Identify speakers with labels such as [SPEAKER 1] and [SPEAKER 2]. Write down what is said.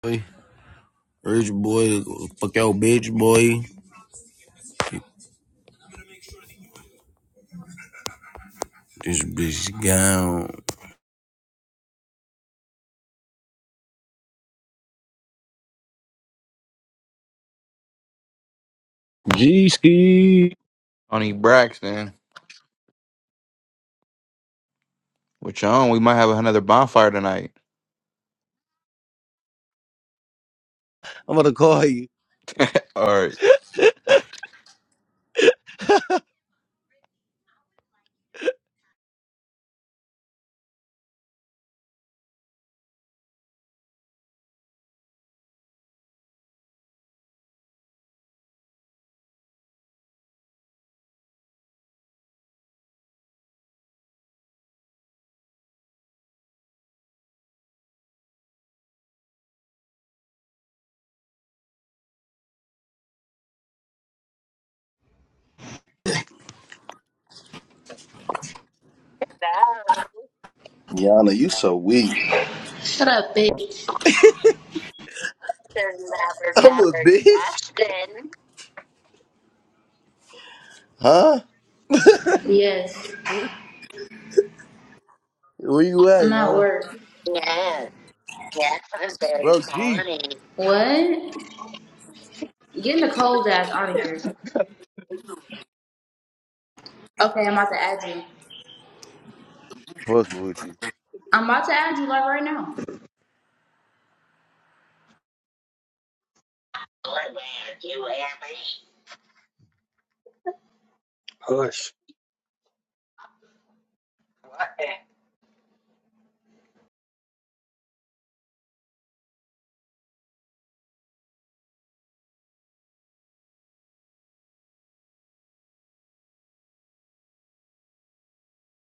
[SPEAKER 1] Rich boy, fuck your bitch, boy. This bitch gone. G ski.
[SPEAKER 2] Tony Braxton. Which on we might have another bonfire tonight.
[SPEAKER 1] I'm gonna call you.
[SPEAKER 2] All right.
[SPEAKER 3] That
[SPEAKER 1] Yana, you so weak.
[SPEAKER 4] Shut up, bitch.
[SPEAKER 3] is never,
[SPEAKER 1] I'm a
[SPEAKER 3] never
[SPEAKER 1] bitch.
[SPEAKER 3] Dustin.
[SPEAKER 1] Huh?
[SPEAKER 4] Yes,
[SPEAKER 1] Where you at,
[SPEAKER 4] I'm at
[SPEAKER 1] Yana?
[SPEAKER 4] work.
[SPEAKER 3] Yes, yes, I'm very
[SPEAKER 1] Bro, G.
[SPEAKER 3] funny.
[SPEAKER 4] What? Get in the cold ass out of here. Okay, I'm about to add you.
[SPEAKER 1] Fuck with you.
[SPEAKER 4] I'm about to add you like right now.
[SPEAKER 3] What about you, Emmy? Hush.